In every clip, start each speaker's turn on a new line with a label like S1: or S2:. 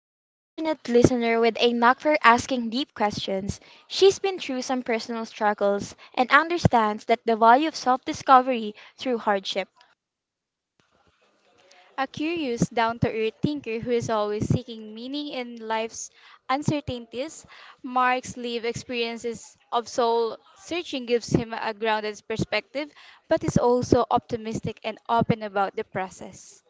S1: A compassionate listener with a knack for asking deep questions, she's been through some personal struggles and understands that the value of self discovery through hardship.
S2: A curious, down to earth thinker who is always seeking meaning in life's uncertainties, Mark's lived experiences of soul searching gives him a grounded perspective, but is also optimistic and open about the process.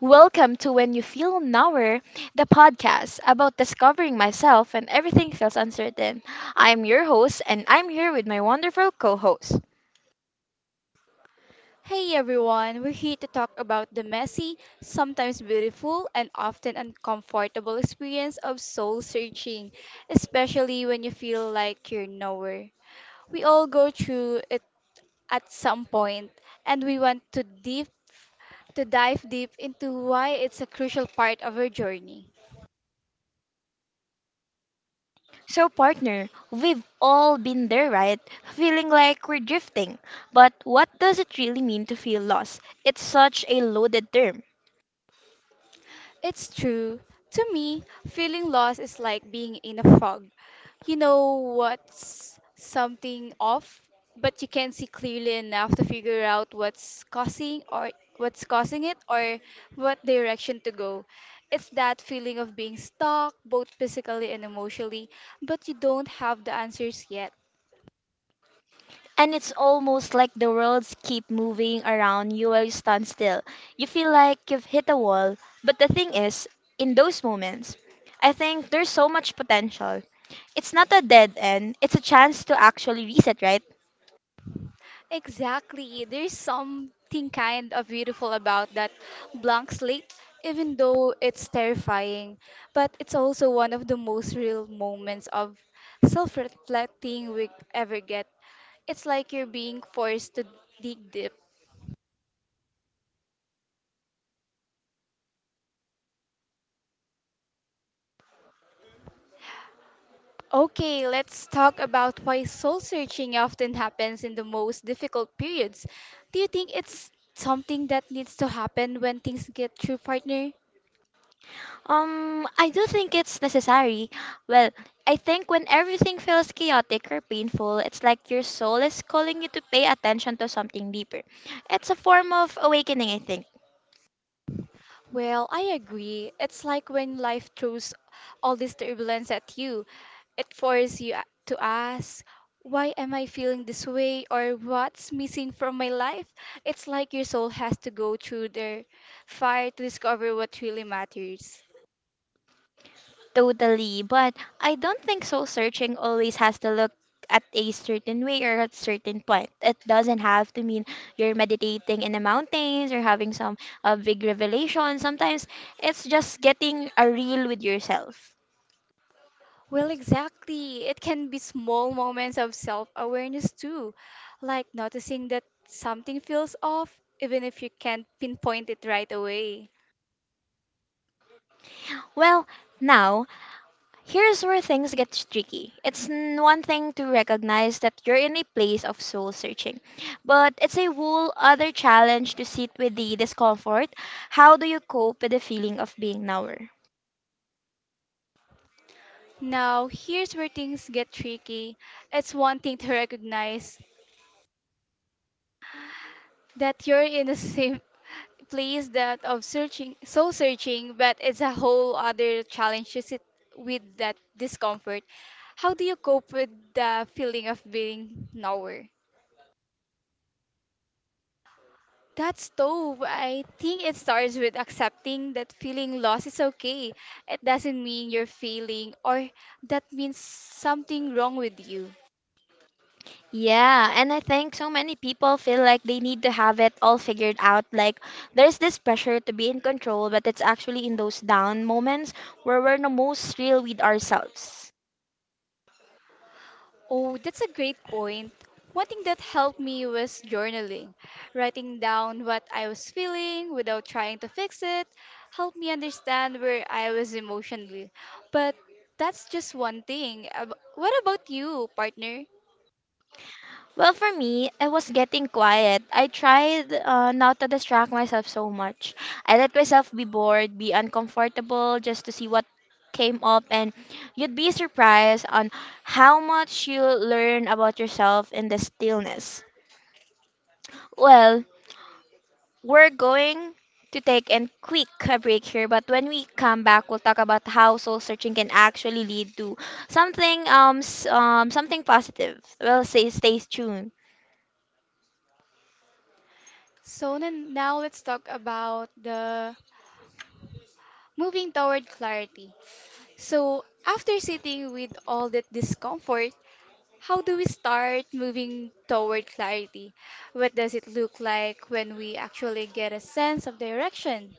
S1: Welcome to When You Feel Nowhere, the podcast about discovering myself when everything feels uncertain. I'm your host, and I'm here with my wonderful co host.
S2: Hey everyone, we're here to talk about the messy, sometimes beautiful, and often uncomfortable experience of soul searching, especially when you feel like you're nowhere. We all go through it at some point, and we want to deep to dive deep into why it's a crucial part of our journey.
S1: So, partner, we've all been there, right? Feeling like we're drifting. But what does it really mean to feel lost? It's such a loaded term.
S2: It's true. To me, feeling lost is like being in a fog. You know what's something off, but you can't see clearly enough to figure out what's causing or what's causing it or what direction to go. It's that feeling of being stuck both physically and emotionally, but you don't have the answers yet.
S1: And it's almost like the worlds keep moving around you while you stand still. You feel like you've hit a wall. But the thing is, in those moments, I think there's so much potential. It's not a dead end, it's a chance to actually reset, right?
S2: Exactly. There's something kind of beautiful about that blank slate, even though it's terrifying. But it's also one of the most real moments of self reflecting we ever get. It's like you're being forced to dig deep. Okay, let's talk about why soul searching often happens in the most difficult periods. Do you think it's something that needs to happen when things get through, partner?
S1: I do think it's necessary. Well, I think when everything feels chaotic or painful, it's like your soul is calling you to pay attention to something deeper. It's a form of awakening, I think.
S2: Well, I agree. It's like when life throws all this turbulence at you, it forces you to ask, why am I feeling this way or what's missing from my life? It's like your soul has to go through their fire to discover what really matters.
S1: Totally, but I don't think soul searching always has to look at a certain way or at certain point. It doesn't have to mean you're meditating in the mountains or having some big revelation. Sometimes it's just getting a real with yourself.
S2: Well, exactly. It can be small moments of self awareness too, like noticing that something feels off, even if you can't pinpoint it right away.
S1: Well, now, here's where things get tricky. One thing to recognize that you're in a place of soul searching, but it's a whole other challenge to sit with the discomfort. How do you cope with the feeling of being nowhere?
S2: Now, here's where things get tricky. It's one thing to recognize that you're in the same place that of searching, soul searching, but it's a whole other challenge to sit with that discomfort. How do you cope with the feeling of being nowhere? That's tough. I think it starts with accepting that feeling lost is okay. It doesn't mean you're failing or that means something wrong with you.
S1: Yeah, and I think so many people feel like they need to have it all figured out. Like, there's this pressure to be in control, but it's actually in those down moments where we're the most real with ourselves.
S2: Oh, that's a great point. One thing that helped me was journaling. Writing down what I was feeling without trying to fix it helped me understand where I was emotionally. But that's just one thing. What about you, partner?
S1: Well, for me, I was getting quiet. I tried not to distract myself so much. I let myself be bored, be uncomfortable, just to see what came up, and you'd be surprised on how much you learn about yourself in the stillness. Well, we're going to take a quick break here, but when we come back, we'll talk about how soul searching can actually lead to something something positive. We'll say stay tuned.
S2: So then now let's talk about the moving toward clarity. So after sitting with all that discomfort, how do we start moving toward clarity? What does it look like when we actually get a sense of direction?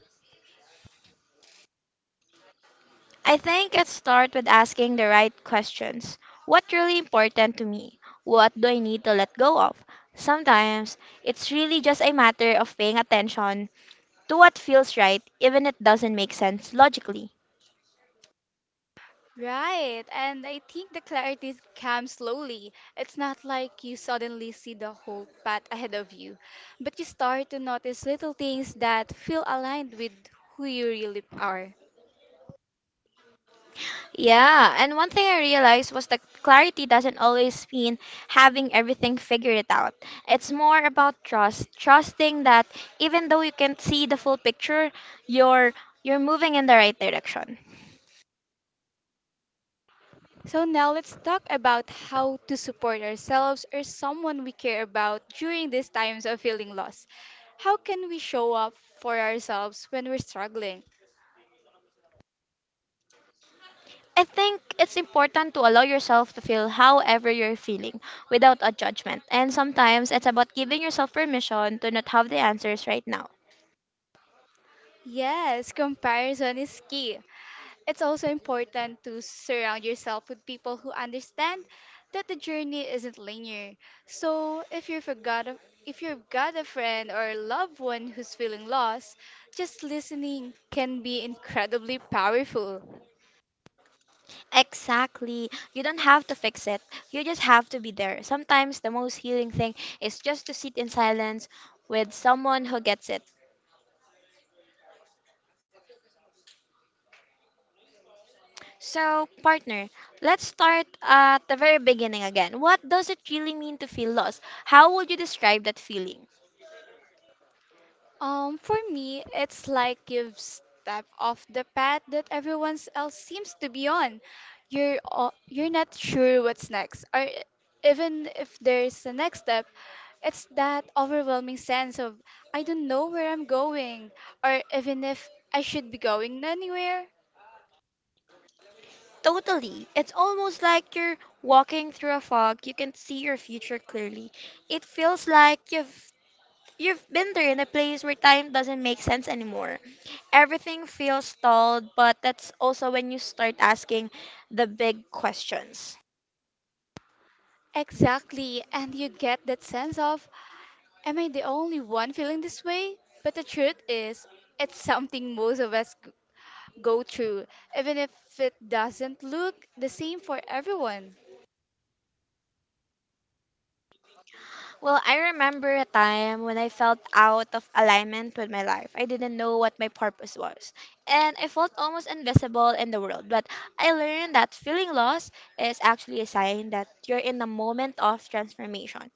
S1: I think it starts with asking the right questions. What's really important to me? What do I need to let go of? Sometimes it's really just a matter of paying attention to what feels right, even if it doesn't make sense logically.
S2: Right, and I think the clarity comes slowly. It's not like you suddenly see the whole path ahead of you, but you start to notice little things that feel aligned with who you really are.
S1: Yeah, and one thing I realized was that clarity doesn't always mean having everything figured it out. It's more about trust, trusting that even though you can't see the full picture, you're you're moving in the right direction.
S2: So now let's talk about how to support ourselves or someone we care about during these times of feeling lost. How can we show up for ourselves when we're struggling?
S1: I think it's important to allow yourself to feel however you're feeling without a judgment. And sometimes it's about giving yourself permission to not have the answers right now.
S2: Yes, comparison is key. It's also important to surround yourself with people who understand that the journey isn't linear. So if you've got a friend or a loved one who's feeling lost, just listening can be incredibly powerful.
S1: Exactly. You don't have to fix it. You just have to be there. Sometimes the most healing thing is just to sit in silence with someone who gets it. So, partner, let's start at the very beginning again. What does it really mean to feel lost? How would you describe that feeling?
S2: For me, it's like you've stepped off the path that everyone else seems to be on. You're not sure what's next, or even if there's a next step, it's that overwhelming sense of I don't know where I'm going, or even if I should be going anywhere.
S1: Totally. It's almost like you're walking through a fog. You can see your future clearly. It feels like you've been there in a place where time doesn't make sense anymore. Everything feels stalled, but that's also when you start asking the big questions.
S2: Exactly, and you get that sense of am I the only one feeling this way? But the truth is, it's something most of us go through, even if it doesn't look the same for everyone.
S1: Well, I remember a time when I felt out of alignment with my life. I didn't know what my purpose was, and I felt almost invisible in the world. But I learned that feeling lost is actually a sign that you're in a moment of transformation.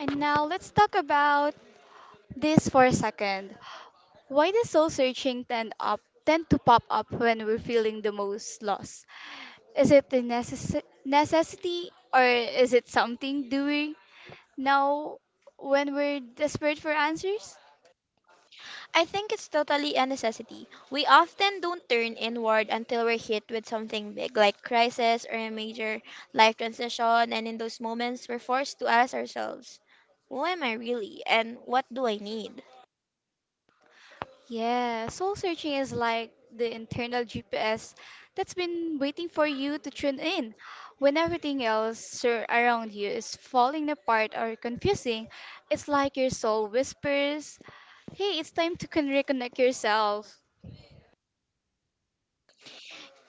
S2: And now let's talk about this for a second. Why does soul searching tend to pop up when we're feeling the most lost? Is it the necessity or is it something doing now when we're desperate for answers?
S1: I think it's totally a necessity. We often don't turn inward until we're hit with something big, like crisis or a major life transition, and in those moments, we're forced to ask ourselves, who am I really, and what do I need?
S2: Yeah, soul searching is like the internal GPS that's been waiting for you to tune in. When everything else around you is falling apart or confusing, it's like your soul whispers, hey, it's time to reconnect yourself.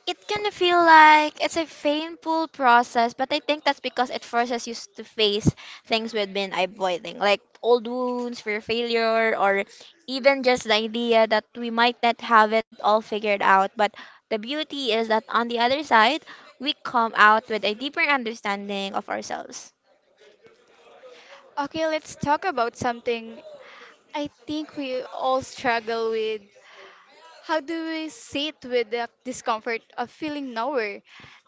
S1: It can feel like it's a painful process, but I think that's because it forces to face things we've been avoiding, like old wounds, fear of failure, or even just the idea that we might not have it all figured out. But the beauty is that on the other side, we come out with a deeper understanding of ourselves.
S2: Okay, let's talk about something I think we all struggle with. How do we sit with the discomfort of feeling nowhere?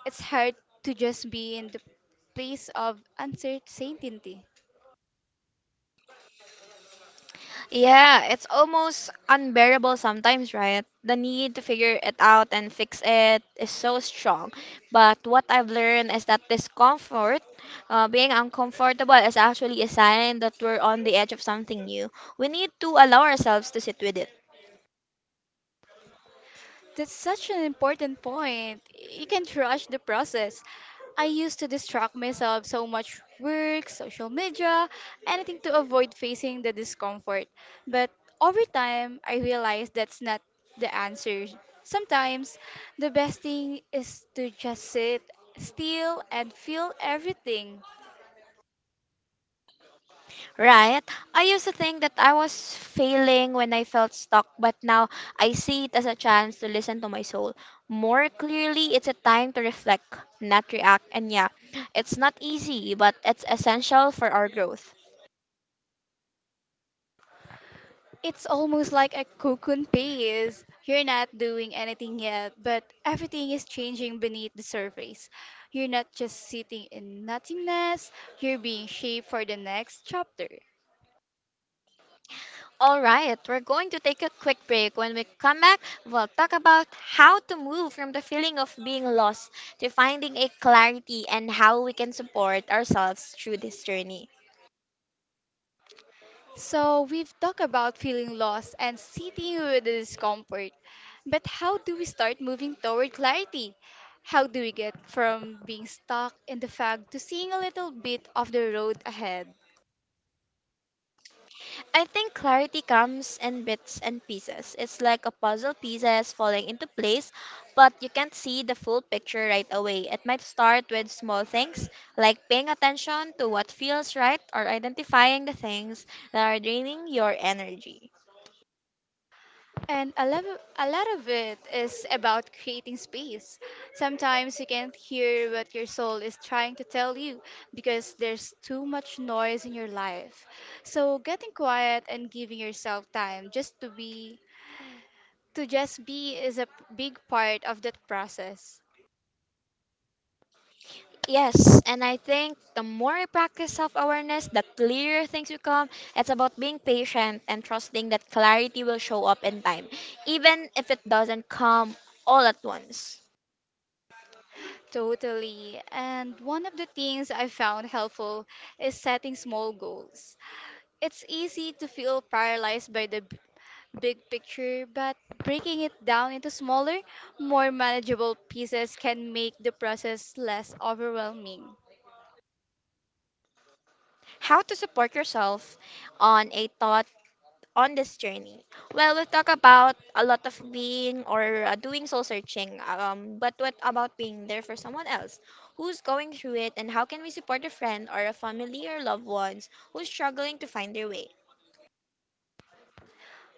S2: It's hard to just be in the place of uncertainty.
S1: Yeah, it's almost unbearable sometimes, right? The need to figure it out and fix it is so strong. But what I've learned is that discomfort, being uncomfortable, is actually a sign that we're on the edge of something new. We need to allow ourselves to sit with it.
S2: That's such an important point. You can't rush the process. I used to distract myself so much work, social media, anything to avoid facing the discomfort. But over time, I realized that's not the answer. Sometimes the best thing is to just sit still and feel everything.
S1: Right. I used to think that I was failing when I felt stuck, but now I see it as a chance to listen to my soul more clearly. It's a time to reflect, not react. And yeah, it's not easy, but it's essential for our growth.
S2: It's almost like a cocoon phase. You're not doing anything yet, but everything is changing beneath the surface. You're not just sitting in nothingness, you're being shaped for the next chapter.
S1: All right, we're going to take a quick break. When we come back, we'll talk about how to move from the feeling of being lost to finding a clarity and how we can support ourselves through this journey.
S2: So, we've talked about feeling lost and sitting with the discomfort. But how do we start moving toward clarity? How do we get from being stuck in the fog to seeing a little bit of the road ahead?
S1: I think clarity comes in bits and pieces. It's like a puzzle pieces falling into place, but you can't see the full picture right away. It might start with small things like paying attention to what feels right or identifying the things that are draining your energy.
S2: And a lot of it is about creating space. Sometimes you can't hear what your soul is trying to tell you because there's too much noise in your life. So getting quiet and giving yourself time just to just be is a big part of that process.
S1: Yes, and I think the more I practice self awareness, the clearer things become. It's about being patient and trusting that clarity will show up in time, even if it doesn't come all at once.
S2: Totally. And one of the things I found helpful is setting small goals. It's easy to feel paralyzed by the big picture, but breaking it down into smaller, more manageable pieces can make the process less overwhelming.
S1: How to support yourself on a thought on this journey. Well, we talk about a lot of being or doing soul searching, but what about being there for someone else who's going through it and how can we support a friend or a family or loved ones who's struggling to find their way?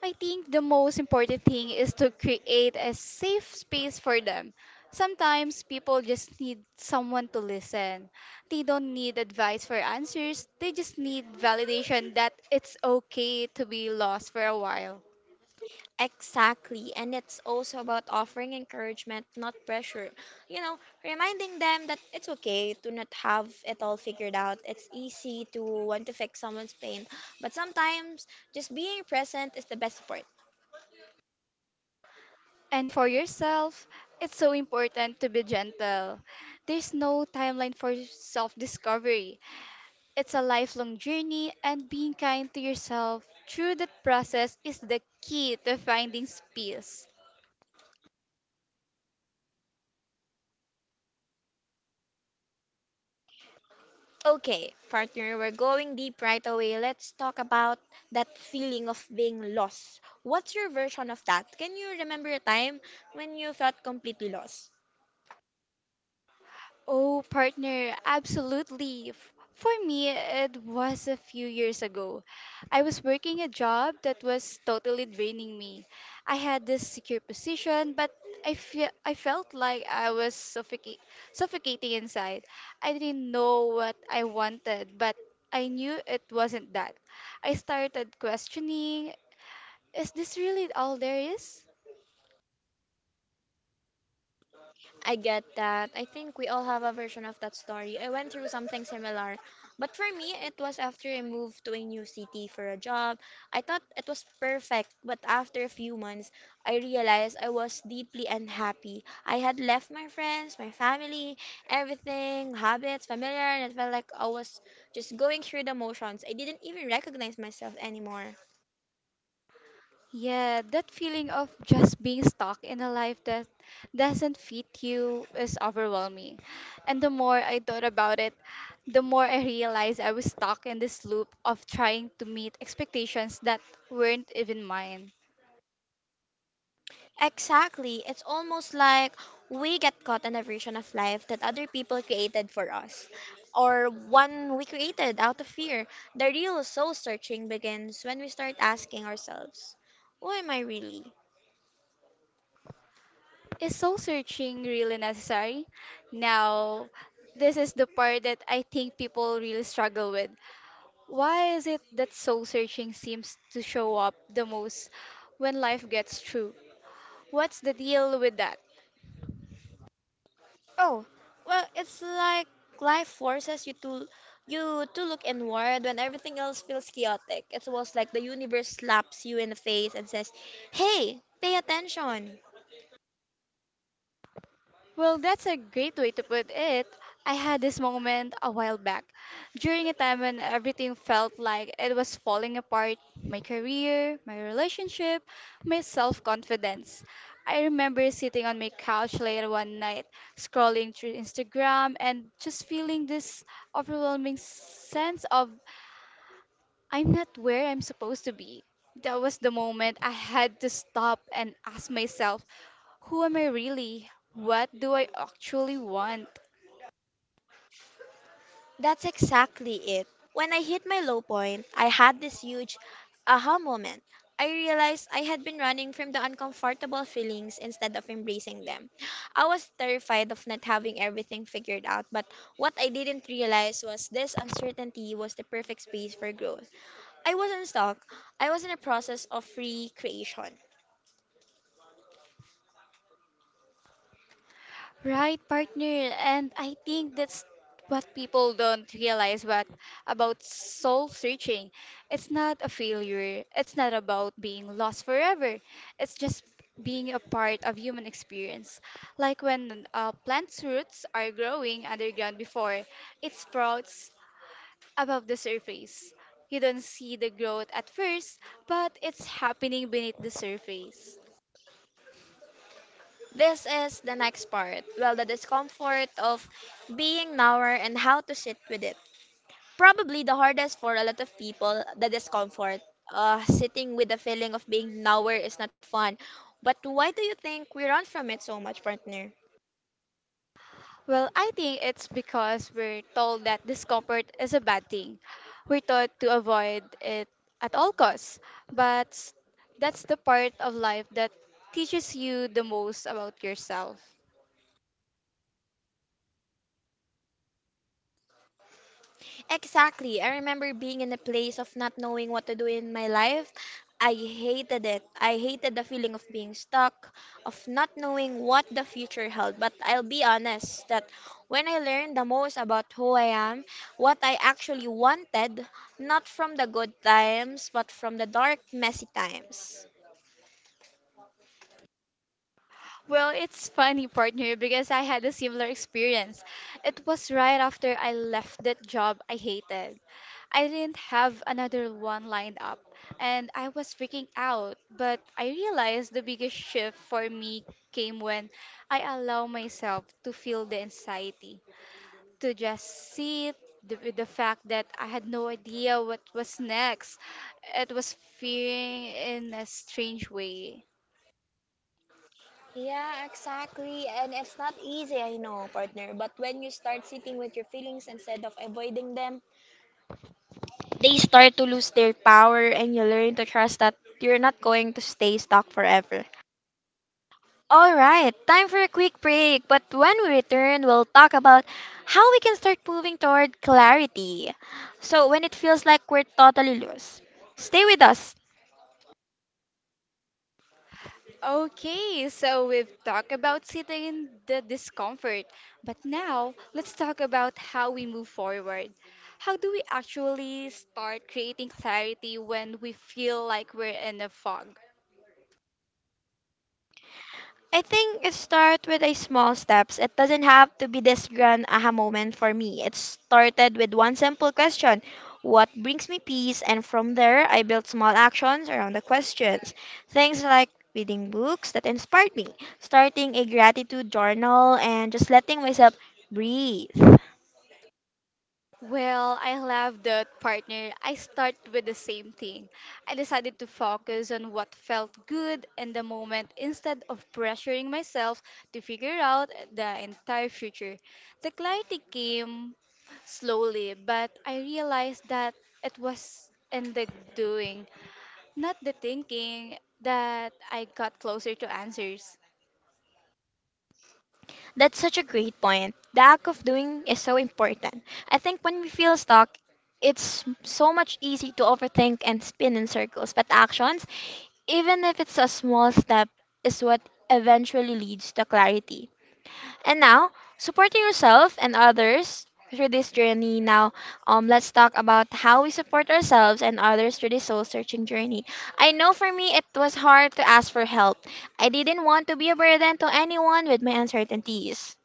S2: I think the most important thing is to create a safe space for them. Sometimes people just need someone to listen. They don't need advice for answers, they just need validation that it's okay to be lost for a while.
S1: Exactly, and it's also about offering encouragement, not pressure. You know, reminding them that it's okay to not have it all figured out. It's easy to want to fix someone's pain, but sometimes just being present is the best support.
S2: And for yourself, it's so important to be gentle. There's no timeline for self discovery. It's a lifelong journey, and being kind to yourself through that process is the key to finding peace.
S1: Okay, partner, we're going deep right away. Let's talk about that feeling of being lost. What's your version of that? Can you remember a time when you felt completely lost?
S2: Oh, partner, absolutely. For me, it was a few years ago. I was working a job that was totally draining me. I had this secure position, but I felt like I was suffocating inside. I didn't know what I wanted, but I knew it wasn't that. I started questioning, is this really all there is?
S1: I get that. I think we all have a version of that story. I went through something similar. But for me, it was after I moved to a new city for a job. I thought it was perfect, but after a few months, I realized I was deeply unhappy. I had left my friends, my family, everything, habits, familiar, and it felt like I was just going through the motions. I didn't even recognize myself anymore.
S2: Yeah, that feeling of just being stuck in a life that doesn't fit you is overwhelming. And the more I thought about it, the more I realized I was stuck in this loop of trying to meet expectations that weren't even mine.
S1: Exactly. It's almost like we get caught in a version of life that other people created for us, or one we created out of fear. The real soul searching begins when we start asking ourselves, who am I really?
S2: Is soul searching really necessary? Now, this is the part that I think people really struggle with. Why is it that soul searching seems to show up the most when life gets through? What's the deal with that?
S1: Oh, well, it's like life forces you to look inward when everything else feels chaotic. It's almost like the universe slaps you in the face and says, "Hey, pay attention."
S2: Well, that's a great way to put it. I had this moment a while back, during a time when everything felt like it was falling apart my career, my relationship, my self confidence. I remember sitting on my couch later one night, scrolling through Instagram, and just feeling this overwhelming sense of I'm not where I'm supposed to be. That was the moment I had to stop and ask myself, who am I really? What do I actually want?
S1: That's exactly it. When I hit my low point, I had this huge aha moment. I realized I had been running from the uncomfortable feelings instead of embracing them. I was terrified of not having everything figured out, but what I didn't realize was this uncertainty was the perfect space for growth. I wasn't stuck, I was in a process of free creation.
S2: Right, partner, and I think that's what people don't realize what about soul searching. It's not a failure. It's not about being lost forever. It's just being a part of human experience. Like when plants' roots are growing underground before it sprouts above the surface. You don't see the growth at first, but it's happening beneath the surface.
S1: This is the next part well, the discomfort of being nowhere and how to sit with it. Probably the hardest for a lot of people, the discomfort. Sitting with the feeling of being nowhere is not fun. But why do you think we run from it so much, partner?
S2: Well, I think it's because we're told that discomfort is a bad thing. We're taught to avoid it at all costs, but that's the part of life that teaches you the most about yourself.
S1: Exactly. I remember being in a place of not knowing what to do in my life. I hated it. I hated the feeling of being stuck, of not knowing what the future held. But I'll be honest that when I learned the most about who I am, what I actually wanted, not from the good times, but from the dark, messy times.
S2: Well, it's funny, partner, because I had a similar experience. It was right after I left that job I hated. I didn't have another one lined up, and I was freaking out. But I realized the biggest shift for me came when I allowed myself to feel the anxiety, to just sit with the fact that I had no idea what was next. It was fearing in a strange way.
S1: Yeah, exactly. And it's not easy, I know, partner. But when you start sitting with your feelings instead of avoiding them, they start to lose their power and you learn to trust that you're not going to stay stuck forever. Alright, time for a quick break, but when we return, we'll talk about how we can start moving toward clarity. So, when it feels like we're totally lost, stay with us.
S2: Okay, so we've talked about sitting in the discomfort, but now let's talk about how we move forward. How do we actually start creating clarity when we feel like we're in a fog?
S1: I think it starts with a small steps. It doesn't have to be this grand aha moment for me. It started with one simple question. What brings me peace? And from there, I built small actions around the questions. Things like reading books that inspired me, starting a gratitude journal, and just letting myself breathe.
S2: Well, I love that partner. I start with the same thing. I decided to focus on what felt good in the moment instead of pressuring myself to figure out the entire future. The clarity came slowly, but I realized that it was in the doing, not the thinking, that I got closer to answers.
S1: That's such a great point. The act of doing is so important. I think when we feel stuck, it's so much easy to overthink and spin in circles, but actions, even if it's a small step, is what eventually leads to clarity. And now, supporting yourself and others through this journey. Let's talk about how we support ourselves and others through this soul searching journey. I know for me, it was hard to ask for help. I didn't want to be a burden to anyone with my uncertainties.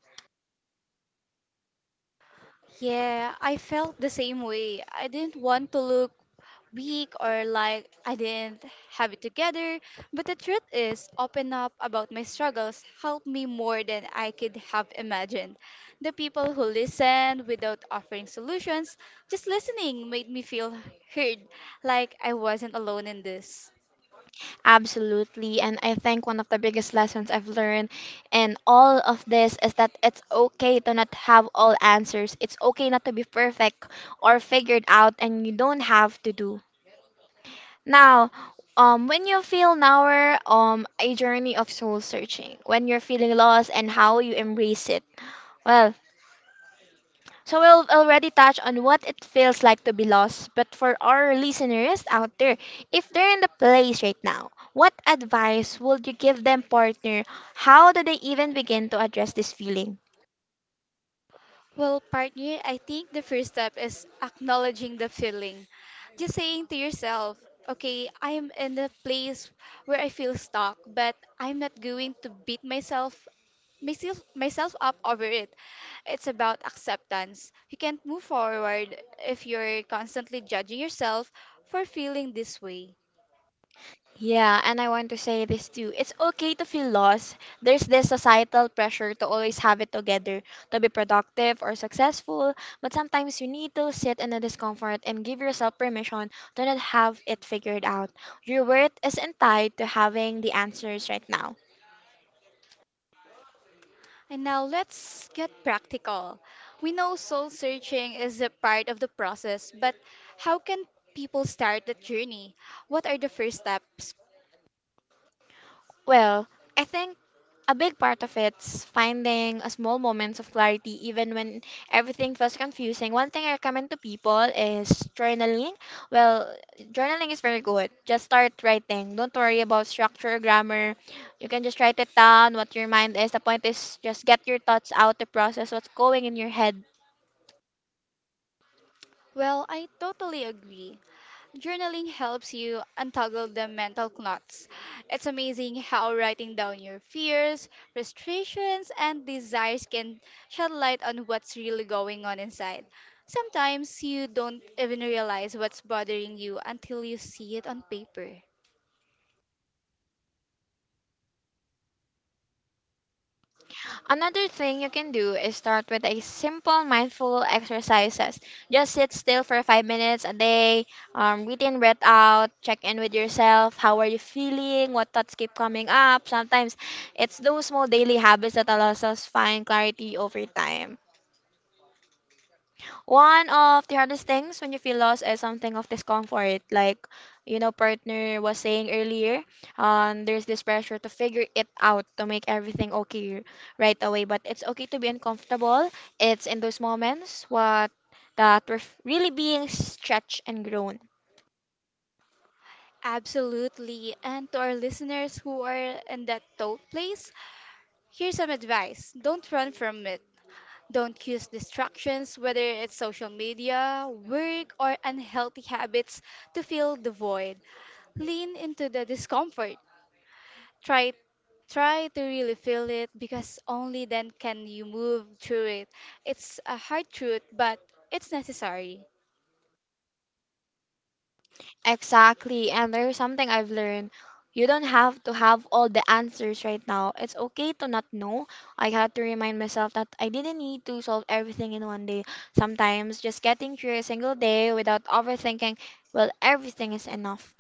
S2: Yeah, I felt the same way. I didn't want to look weak or like I didn't have it together, but the truth is, open up about my struggles helped me more than I could have imagined. The people who listened without offering solutions, just listening made me feel heard, like I wasn't alone in this.
S1: Absolutely. And I think one of the biggest lessons I've learned in all of this is that it's okay to not have all answers. It's okay not to be perfect or figured out, and you don't have to do. Now, when you feel now a journey of soul searching, when you're feeling lost and how you embrace it. Well, so we've already touched on what it feels like to be lost, but for our listeners out there, if they're in the place right now, what advice would you give them, partner? How do they even begin to address this feeling?
S2: Well, partner, I think the first step is acknowledging the feeling. Just saying to yourself, okay, I'm in a place where I feel stuck, but I'm not going to beat myself up over it. It's about acceptance. You can't move forward if you're constantly judging yourself for feeling this way.
S1: Yeah, and I want to say this too. It's okay to feel lost. There's this societal pressure to always have it together, to be productive or successful, but sometimes you need to sit in the discomfort and give yourself permission to not have it figured out. Your worth isn't tied to having the answers right now.
S2: And now let's get practical. We know soul searching is a part of the process, but how can people start that journey? What are the first steps?
S1: Well, I think a big part of it's finding a small moments of clarity even when everything feels confusing. One thing I recommend to people is journaling. Well, journaling is very good. Just start writing. Don't worry about structure or grammar. You can just write it down what your mind is. The point is just get your thoughts out to process what's going in your head.
S2: Well, I totally agree. Journaling helps you untangle the mental knots. It's amazing how writing down your fears, frustrations, and desires can shed light on what's really going on inside. Sometimes you don't even realize what's bothering you until you see it on paper.
S1: Another thing you can do is start with a simple mindful exercises. Just sit still for 5 minutes a day, breathe in, breathe out, check in with yourself. How are you feeling? What thoughts keep coming up? Sometimes it's those small daily habits that allows us find clarity over time. One of the hardest things when you feel lost is something of discomfort. Like, you know, partner was saying earlier, there's this pressure to figure it out, to make everything okay right away. But it's okay to be uncomfortable. It's in those moments what that we're really being stretched and grown.
S2: Absolutely. And to our listeners who are in that tough place, here's some advice. Don't run from it. Don't use distractions, whether it's social media, work, or unhealthy habits, to fill the void. Lean into the discomfort. Try try to really feel it because only then can you move through it. It's a hard truth, but it's necessary.
S1: Exactly. And there's something I've learned. You don't have to have all the answers right now. It's okay to not know. I had to remind myself that I didn't need to solve everything in one day. Sometimes just getting through a single day without overthinking, well, everything is enough.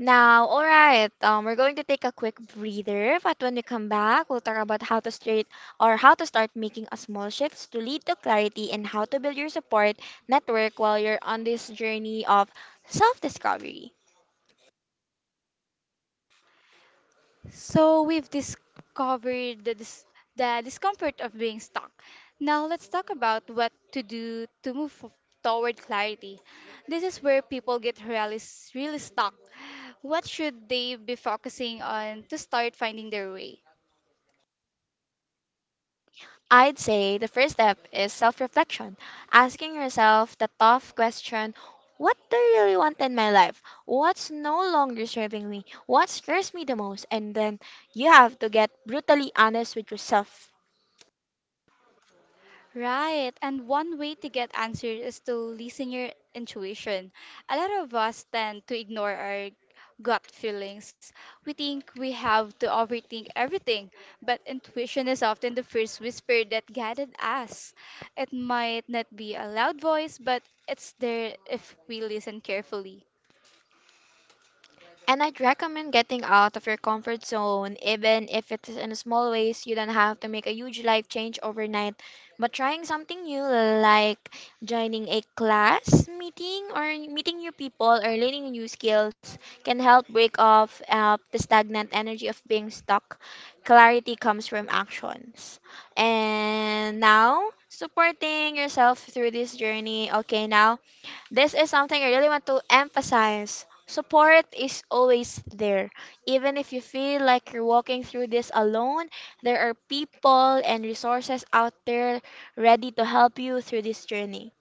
S1: We're going to take a quick breather, but when we come back, we'll talk about how to start making a small shifts to lead to clarity and how to build your support network while you're on this journey of self-discovery.
S2: So we've discovered the discomfort of being stuck. Now let's talk about what to do to move toward clarity. This is where people get really stuck. What should they be focusing on to start finding their way?
S1: I'd say the first step is self reflection, asking yourself the tough question: what do I really want in my life? What's no longer serving me? What scares me the most? And then you have to get brutally honest with yourself.
S2: Right. And one way to get answers is to listen your intuition. A lot of us tend to ignore our gut feelings. We think we have to overthink everything, but intuition is often the first whisper that guided us. It might not be a loud voice, but it's there if we listen carefully.
S1: And I'd recommend getting out of your comfort zone, even if it's in small ways. You don't have to make a huge life change overnight, but trying something new, like joining a class meeting or meeting new people or learning new skills, can help break off the stagnant energy of being stuck. Clarity comes from actions. And now, supporting yourself through this journey. Okay, now this is something I really want to emphasize. Support is always there. Even if you feel like you're walking through this alone, there are people and resources out there ready to help you through this journey.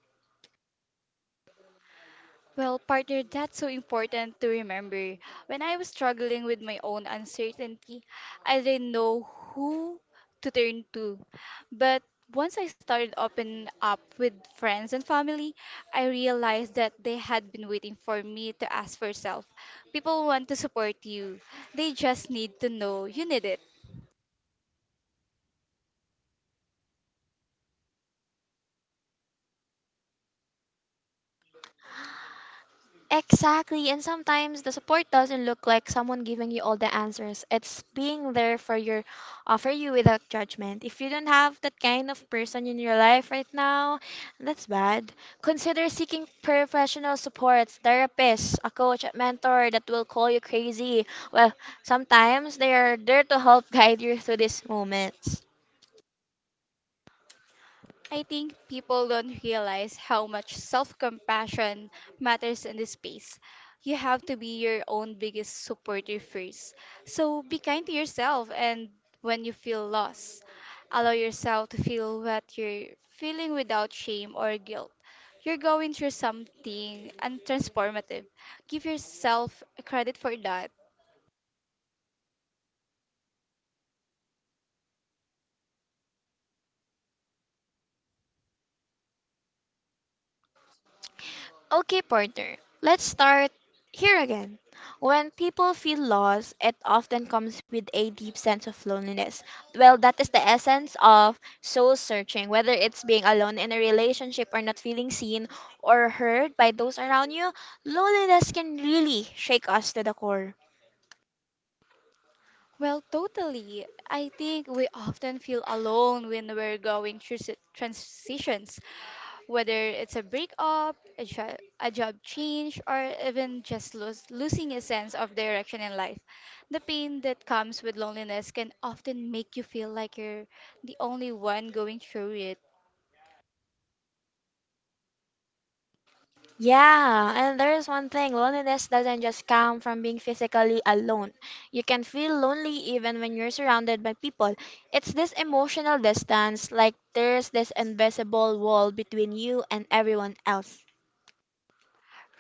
S2: Well, partner, that's so important to remember. When I was struggling with my own uncertainty, I didn't know who to turn to. But once I started opening up with friends and family, I realized that they had been waiting for me to ask for help. People want to support you, they just need to know you need it.
S1: Exactly, and sometimes the support doesn't look like someone giving you all the answers. It's being there for your for you without judgment. If you don't have that kind of person in your life right now, that's bad. Consider seeking professional supports, therapists, a coach, a mentor that will call you crazy. Well, sometimes they are there to help guide you through these moments.
S2: I think people don't realize how much self compassion matters in this space. You have to be your own biggest supporter first. So be kind to yourself, and when you feel lost, allow yourself to feel what you're feeling without shame or guilt. You're going through something and transformative. Give yourself credit for that.
S1: Okay, partner, let's start here again. When people feel lost, it often comes with a deep sense of loneliness. Well, that is the essence of soul searching, whether it's being alone in a relationship or not feeling seen or heard by those around you, loneliness can really shake us to the core.
S2: Well, totally. I think we often feel alone when we're going through transitions. Whether it's a breakup, a job change, or even just losing a sense of direction in life, the pain that comes with loneliness can often make you feel like you're the only one going through it.
S1: Yeah, and there's one thing: loneliness doesn't just come from being physically alone. You can feel lonely even when you're surrounded by people. It's this emotional distance, like there's this invisible wall between you and everyone else.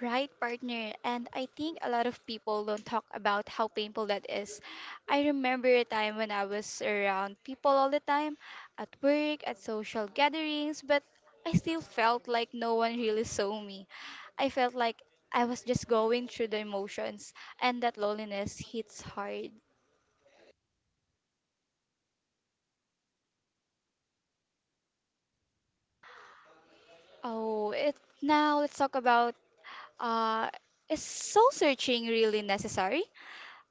S2: Right, partner. And I think a lot of people don't talk about how painful that is. I remember a time when I was around people all the time, at work, at social gatherings, but I still felt like no one really saw me. I felt like I was just going through the emotions, and that loneliness hits hard. Oh, it Now let's talk about uh, is soul searching really necessary?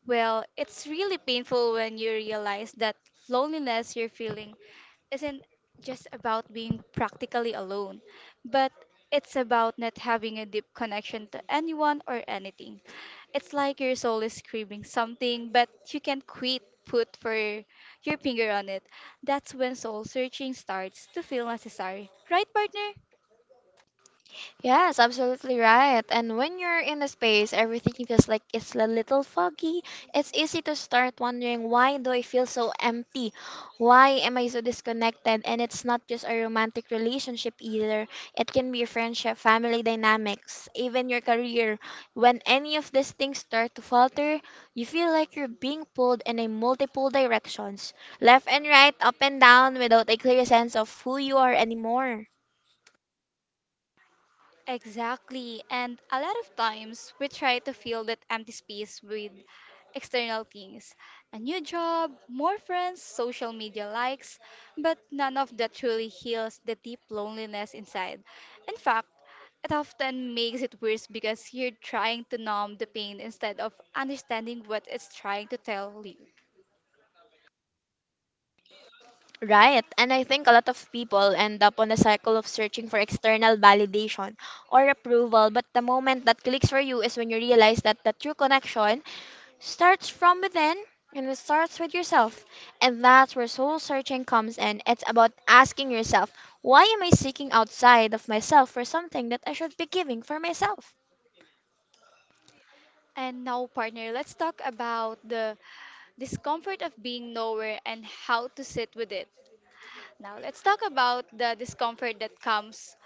S2: Well, it's really painful when you realize that loneliness you're feeling isn't just about being practically alone, but it's about not having a deep connection to anyone or anything. It's like your soul is screaming something, but you can't quit put for your finger on it. That's when soul searching starts to feel necessary. Right, partner?
S1: Yes, absolutely right. And when you're in a space, everything feels like it's a little foggy. It's easy to start wondering, why do I feel so empty? Why am I so disconnected? And it's not just a romantic relationship either. It can be a friendship, family dynamics, even your career. When any of these things start to falter, you feel like you're being pulled in a multiple directions, left and right, up and down, without a clear sense of who you are anymore.
S2: Exactly. And a lot of times we try to fill that empty space with external things, a new job, more friends, social media likes, but none of that truly heals the deep loneliness inside. In fact, it often makes it worse because you're trying to numb the pain instead of understanding what it's trying to tell you.
S1: Right, and I think a lot of people end up on a cycle of searching for external validation or approval, but the moment that clicks for you is when you realize that the true connection starts from within and it starts with yourself. And that's where soul searching comes in. It's about asking yourself, why am I seeking outside of myself for something that I should be giving for myself?
S2: And now, partner, let's talk about the discomfort of being nowhere and how to sit with it. Now, let's talk about the discomfort that comes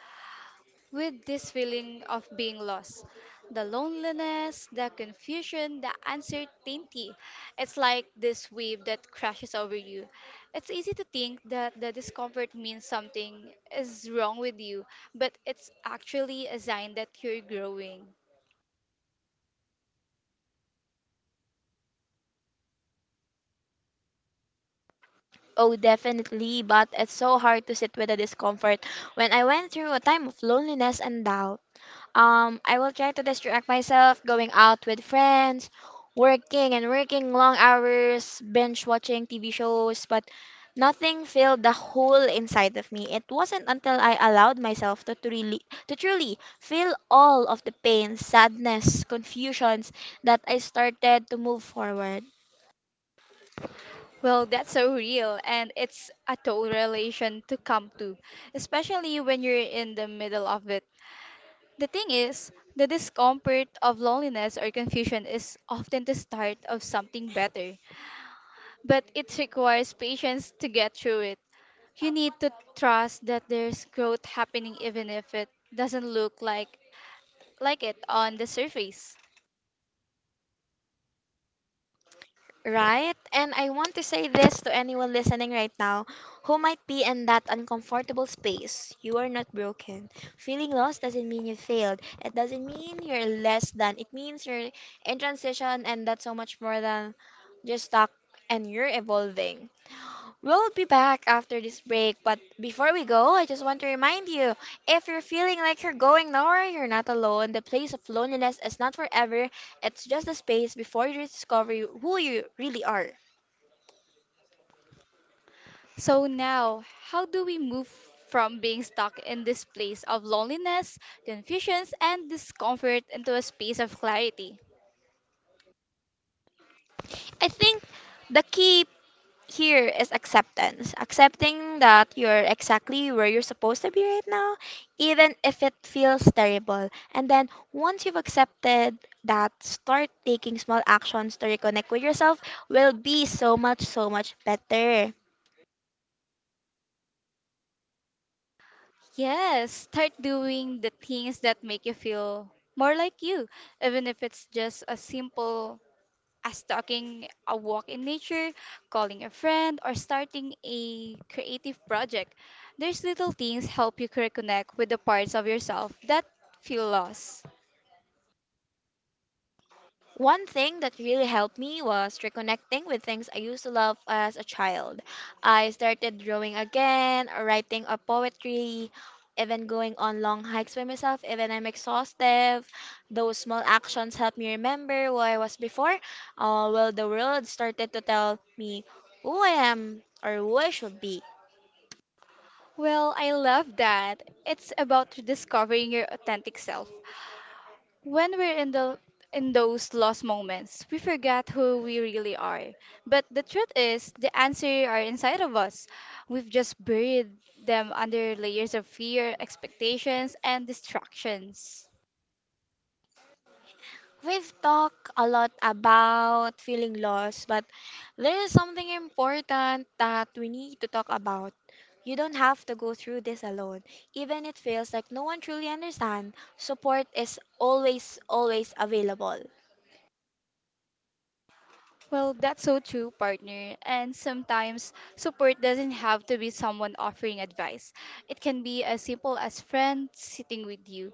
S2: with this feeling of being lost. The loneliness, the confusion, the uncertainty. It's like this wave that crashes over you. It's easy to think that the discomfort means something is wrong with you, but it's actually a sign that you're growing.
S1: Oh, definitely, but it's so hard to sit with the discomfort. When I went through a time of loneliness and doubt, I will try to distract myself going out with friends, working and working long hours, binge watching TV shows, but nothing filled the hole inside of me. It wasn't until I allowed myself to truly feel all of the pain, sadness, confusions that I started to move forward.
S2: Well, that's so real, and it's a total relation to come to, especially when you're in the middle of it. The thing is, the discomfort of loneliness or confusion is often the start of something better, but it requires patience to get through it. You need to trust that there's growth happening even if it doesn't look like it on the surface.
S1: Right? And I want to say this to anyone listening right now who might be in that uncomfortable space. You are not broken. Feeling lost doesn't mean you failed. It doesn't mean you're less than. It means you're in transition and that's so much more than just stuck and you're evolving. We'll be back after this break, but before we go, I just want to remind you, if you're feeling like you're going nowhere, you're not alone. The place of loneliness is not forever, it's just a space before you discover who you really are.
S2: So now, how do we move from being stuck in this place of loneliness, confusions, and discomfort into a space of clarity?
S1: I think the key here is acceptance. Accepting that you're exactly where you're supposed to be right now, even if it feels terrible. And then once you've accepted that, start taking small actions to reconnect with yourself will be so much better.
S2: Yes, start doing the things that make you feel more like you, even if it's just as simple as taking a walk in nature, calling a friend, or starting a creative project. There's little things help you reconnect with the parts of yourself that feel lost.
S1: One thing that really helped me was reconnecting with things I used to love as a child. I started drawing again, writing a poetry, even going on long hikes by myself, even I'm exhausted. Those small actions helped me remember who I was before, while the world started to tell me who I am or who I should be.
S2: Well, I love that. It's about rediscovering your authentic self. When we're in those lost moments, we forget who we really are. But the truth is, the answers are inside of us. We've just buried them under layers of fear, expectations, and distractions.
S1: We've talked a lot about feeling lost, but there is something important that we need to talk about. You don't have to go through this alone. Even it feels like no one truly understands, support is always, always available.
S2: Well, that's so true, partner. And sometimes support doesn't have to be someone offering advice. It can be as simple as friends sitting with you,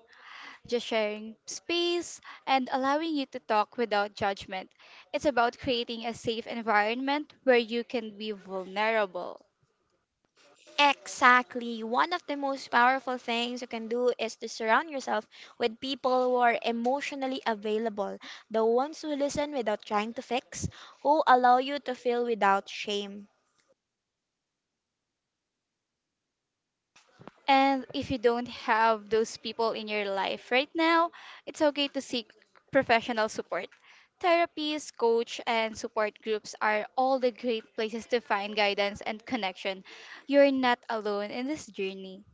S2: just sharing space and allowing you to talk without judgment. It's about creating a safe environment where you can be vulnerable.
S1: Exactly. One of the most powerful things you can do is to surround yourself with people who are emotionally available, the ones who listen without trying to fix, who allow you to feel without shame.
S2: And if you don't have those people in your life right now, it's okay to seek professional support. Therapies, coach, and support groups are all the great places to find guidance and connection. You're not alone in this journey.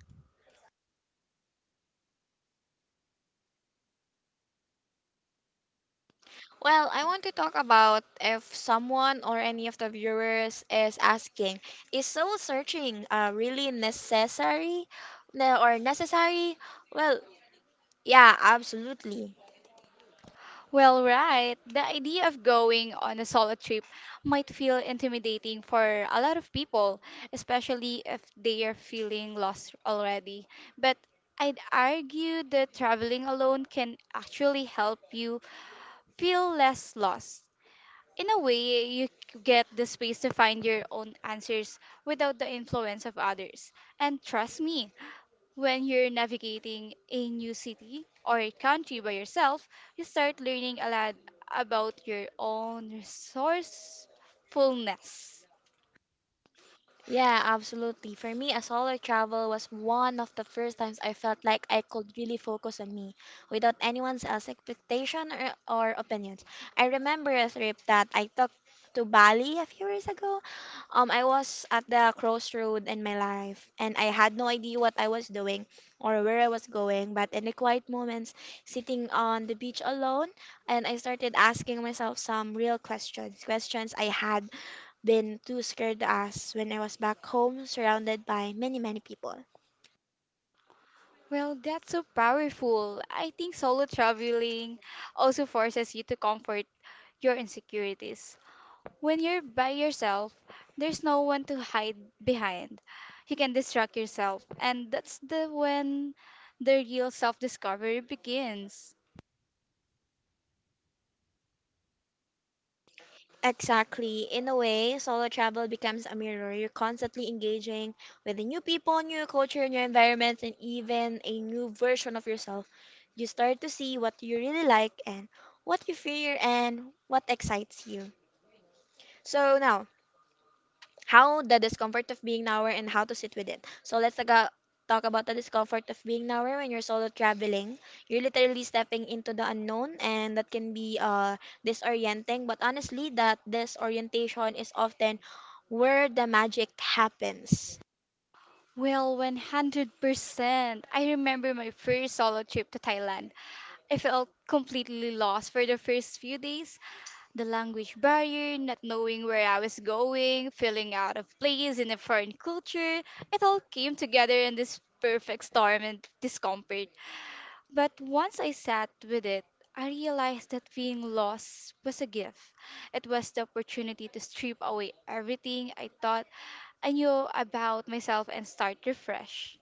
S1: Well, I want to talk about, if someone or any of the viewers is asking, is soul searching really necessary or necessary? Well, yeah, absolutely.
S2: Well, right. The idea of going on a solo trip might feel intimidating for a lot of people, especially if they are feeling lost already. But I'd argue that traveling alone can actually help you feel less lost. In a way, you get the space to find your own answers without the influence of others. And trust me, when you're navigating a new city or country by yourself, you start learning a lot about your own resourcefulness.
S1: Yeah, absolutely. For me, a solo travel was one of the first times I felt like I could really focus on me without anyone else's expectation or opinions. I remember a trip that I took to Bali a few years ago. I was at the crossroad in my life and I had no idea what I was doing or where I was going. But in the quiet moments, sitting on the beach alone, and I started asking myself some real questions, questions I had been too scared as when I was back home surrounded by many people.
S2: Well, that's so powerful. I think solo traveling also forces you to comfort your insecurities. When you're by yourself, there's no one to hide behind. You can distract yourself, and that's the when the real self-discovery begins.
S1: Exactly. In a way, solo travel becomes a mirror. You're constantly engaging with the new people, new culture, new environments, and even a new version of yourself. You start to see what you really like and what you fear and what excites you. So now, how the discomfort of being nowhere and how to sit with it. So talk about the discomfort of being nowhere when you're solo traveling. You're literally stepping into the unknown, and that can be disorienting. But honestly, that disorientation is often where the magic happens.
S2: Well, 100%. I remember my first solo trip to Thailand. I felt completely lost for the first few days. The language barrier, not knowing where I was going, feeling out of place in a foreign culture, it all came together in this perfect storm and discomfort. But once I sat with it, I realized that being lost was a gift. It was the opportunity to strip away everything I thought I knew about myself and start refresh.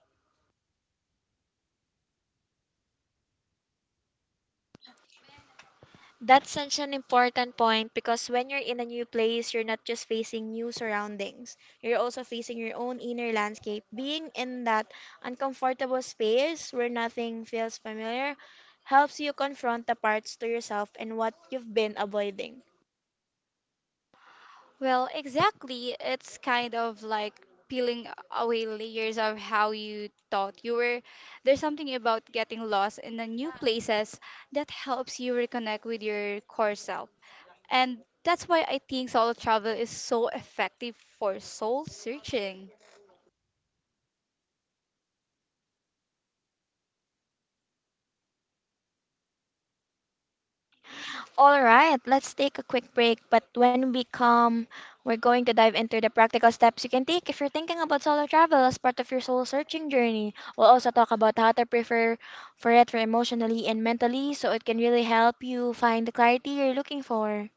S1: That's such an important point because when you're in a new place, you're not just facing new surroundings, you're also facing your own inner landscape. Being in that uncomfortable space where nothing feels familiar helps you confront the parts to yourself and what you've been avoiding.
S2: Well, exactly. It's kind of like peeling away layers of how you thought you were. There's something about getting lost in the new places that helps you reconnect with your core self. And that's why I think solo travel is so effective for soul searching.
S1: All right, let's take a quick break, but when we come, we're going to dive into the practical steps you can take if you're thinking about solo travel as part of your soul searching journey. We'll also talk about how to prepare for it for emotionally and mentally so it can really help you find the clarity you're looking for.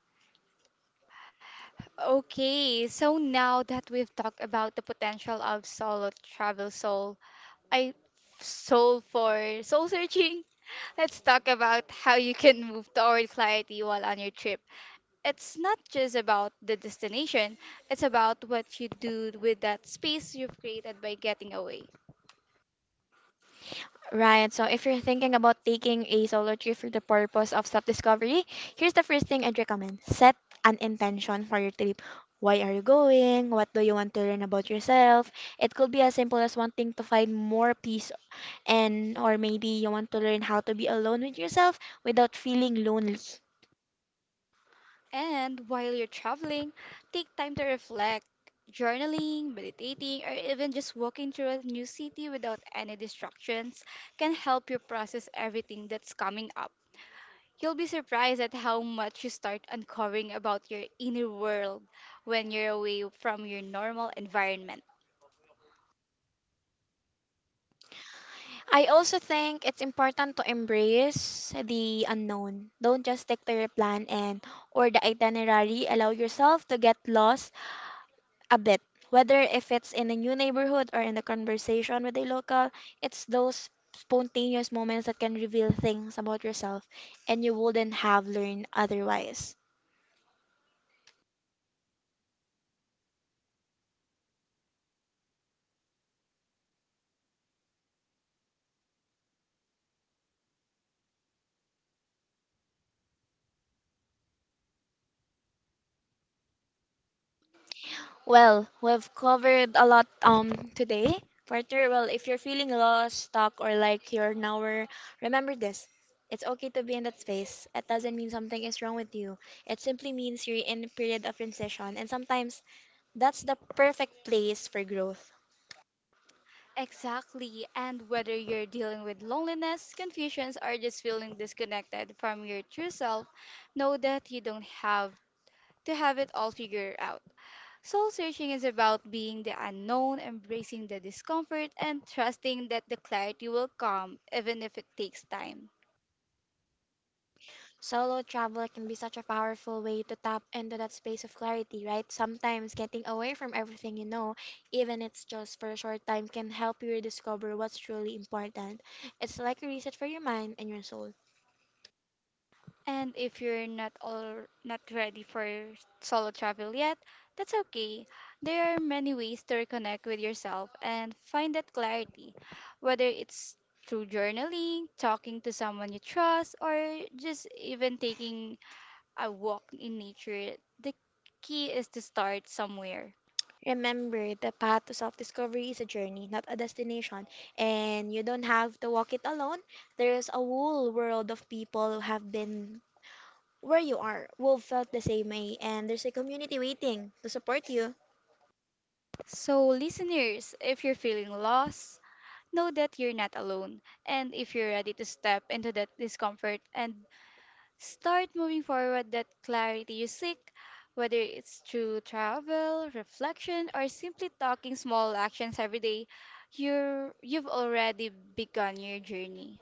S2: Okay, so now that we've talked about the potential of solo travel soul I soul for soul searching. Let's talk about how you can move toward clarity while on your trip. It's not just about the destination, it's about what you do with that space you've created by getting away.
S1: Right. So if you're thinking about taking a solo trip for the purpose of self-discovery, here's the first thing I'd recommend. Set an intention for your trip. Why are you going? What do you want to learn about yourself? It could be as simple as wanting to find more peace and or maybe you want to learn how to be alone with yourself without feeling lonely.
S2: And while you're traveling, take time to reflect, journaling, meditating, or even just walking through a new city without any distractions can help you process everything that's coming up. You'll be surprised at how much you start uncovering about your inner world when you're away from your normal environment.
S1: I also think it's important to embrace the unknown. Don't just stick to your plan and or the itinerary. Allow yourself to get lost a bit. Whether if it's in a new neighborhood or in the conversation with a local, it's those spontaneous moments that can reveal things about yourself and you wouldn't have learned otherwise. Well, we've covered a lot today. Partner, well, if you're feeling lost, stuck, or like you're nowhere, remember this. It's okay to be in that space. It doesn't mean something is wrong with you. It simply means you're in a period of transition, and sometimes that's the perfect place for growth.
S2: Exactly, and whether you're dealing with loneliness, confusions, or just feeling disconnected from your true self, know that you don't have to have it all figured out. Soul searching is about being the unknown, embracing the discomfort, and trusting that the clarity will come even if it takes time.
S1: Solo travel can be such a powerful way to tap into that space of clarity, right? Sometimes getting away from everything you know, even it's just for a short time, can help you rediscover what's truly important. It's like a reset for your mind and your soul.
S2: And if you're not ready for solo travel yet, that's okay. There are many ways to reconnect with yourself and find that clarity, whether it's through journaling, talking to someone you trust, or just even taking a walk in nature. The key is to start somewhere.
S1: Remember, the path to self discovery is a journey, not a destination, and you don't have to walk it alone. There is a whole world of people who have been where you are, who felt the same way, and there's a community waiting to support you.
S2: So, listeners, if you're feeling lost, know that you're not alone. And if you're ready to step into that discomfort and start moving forward that clarity you seek, whether it's through travel, reflection, or simply talking small actions every day, you've already begun your journey.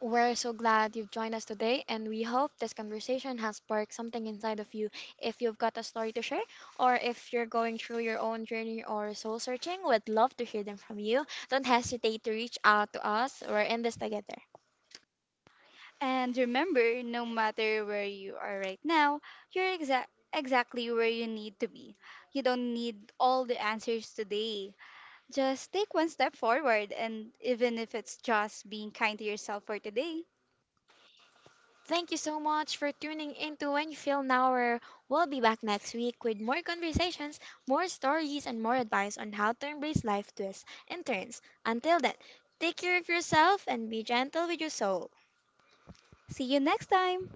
S1: We're so glad you've joined us today, and we hope this conversation has sparked something inside of you. If you've got a story to share, or if you're going through your own journey or soul searching, we'd love to hear them from you. Don't hesitate to reach out to us. We're in this together.
S2: And remember, no matter where you are right now, you're exactly where you need to be. You don't need all the answers today. Just take one step forward, and even if it's just being kind to yourself for today,
S1: Thank you so much for tuning into When You Feel Now. Or we'll be back next week with more conversations, more stories, and more advice on how to embrace life twists and turns. Until then, take care of yourself and be gentle with your soul.
S2: see you next time!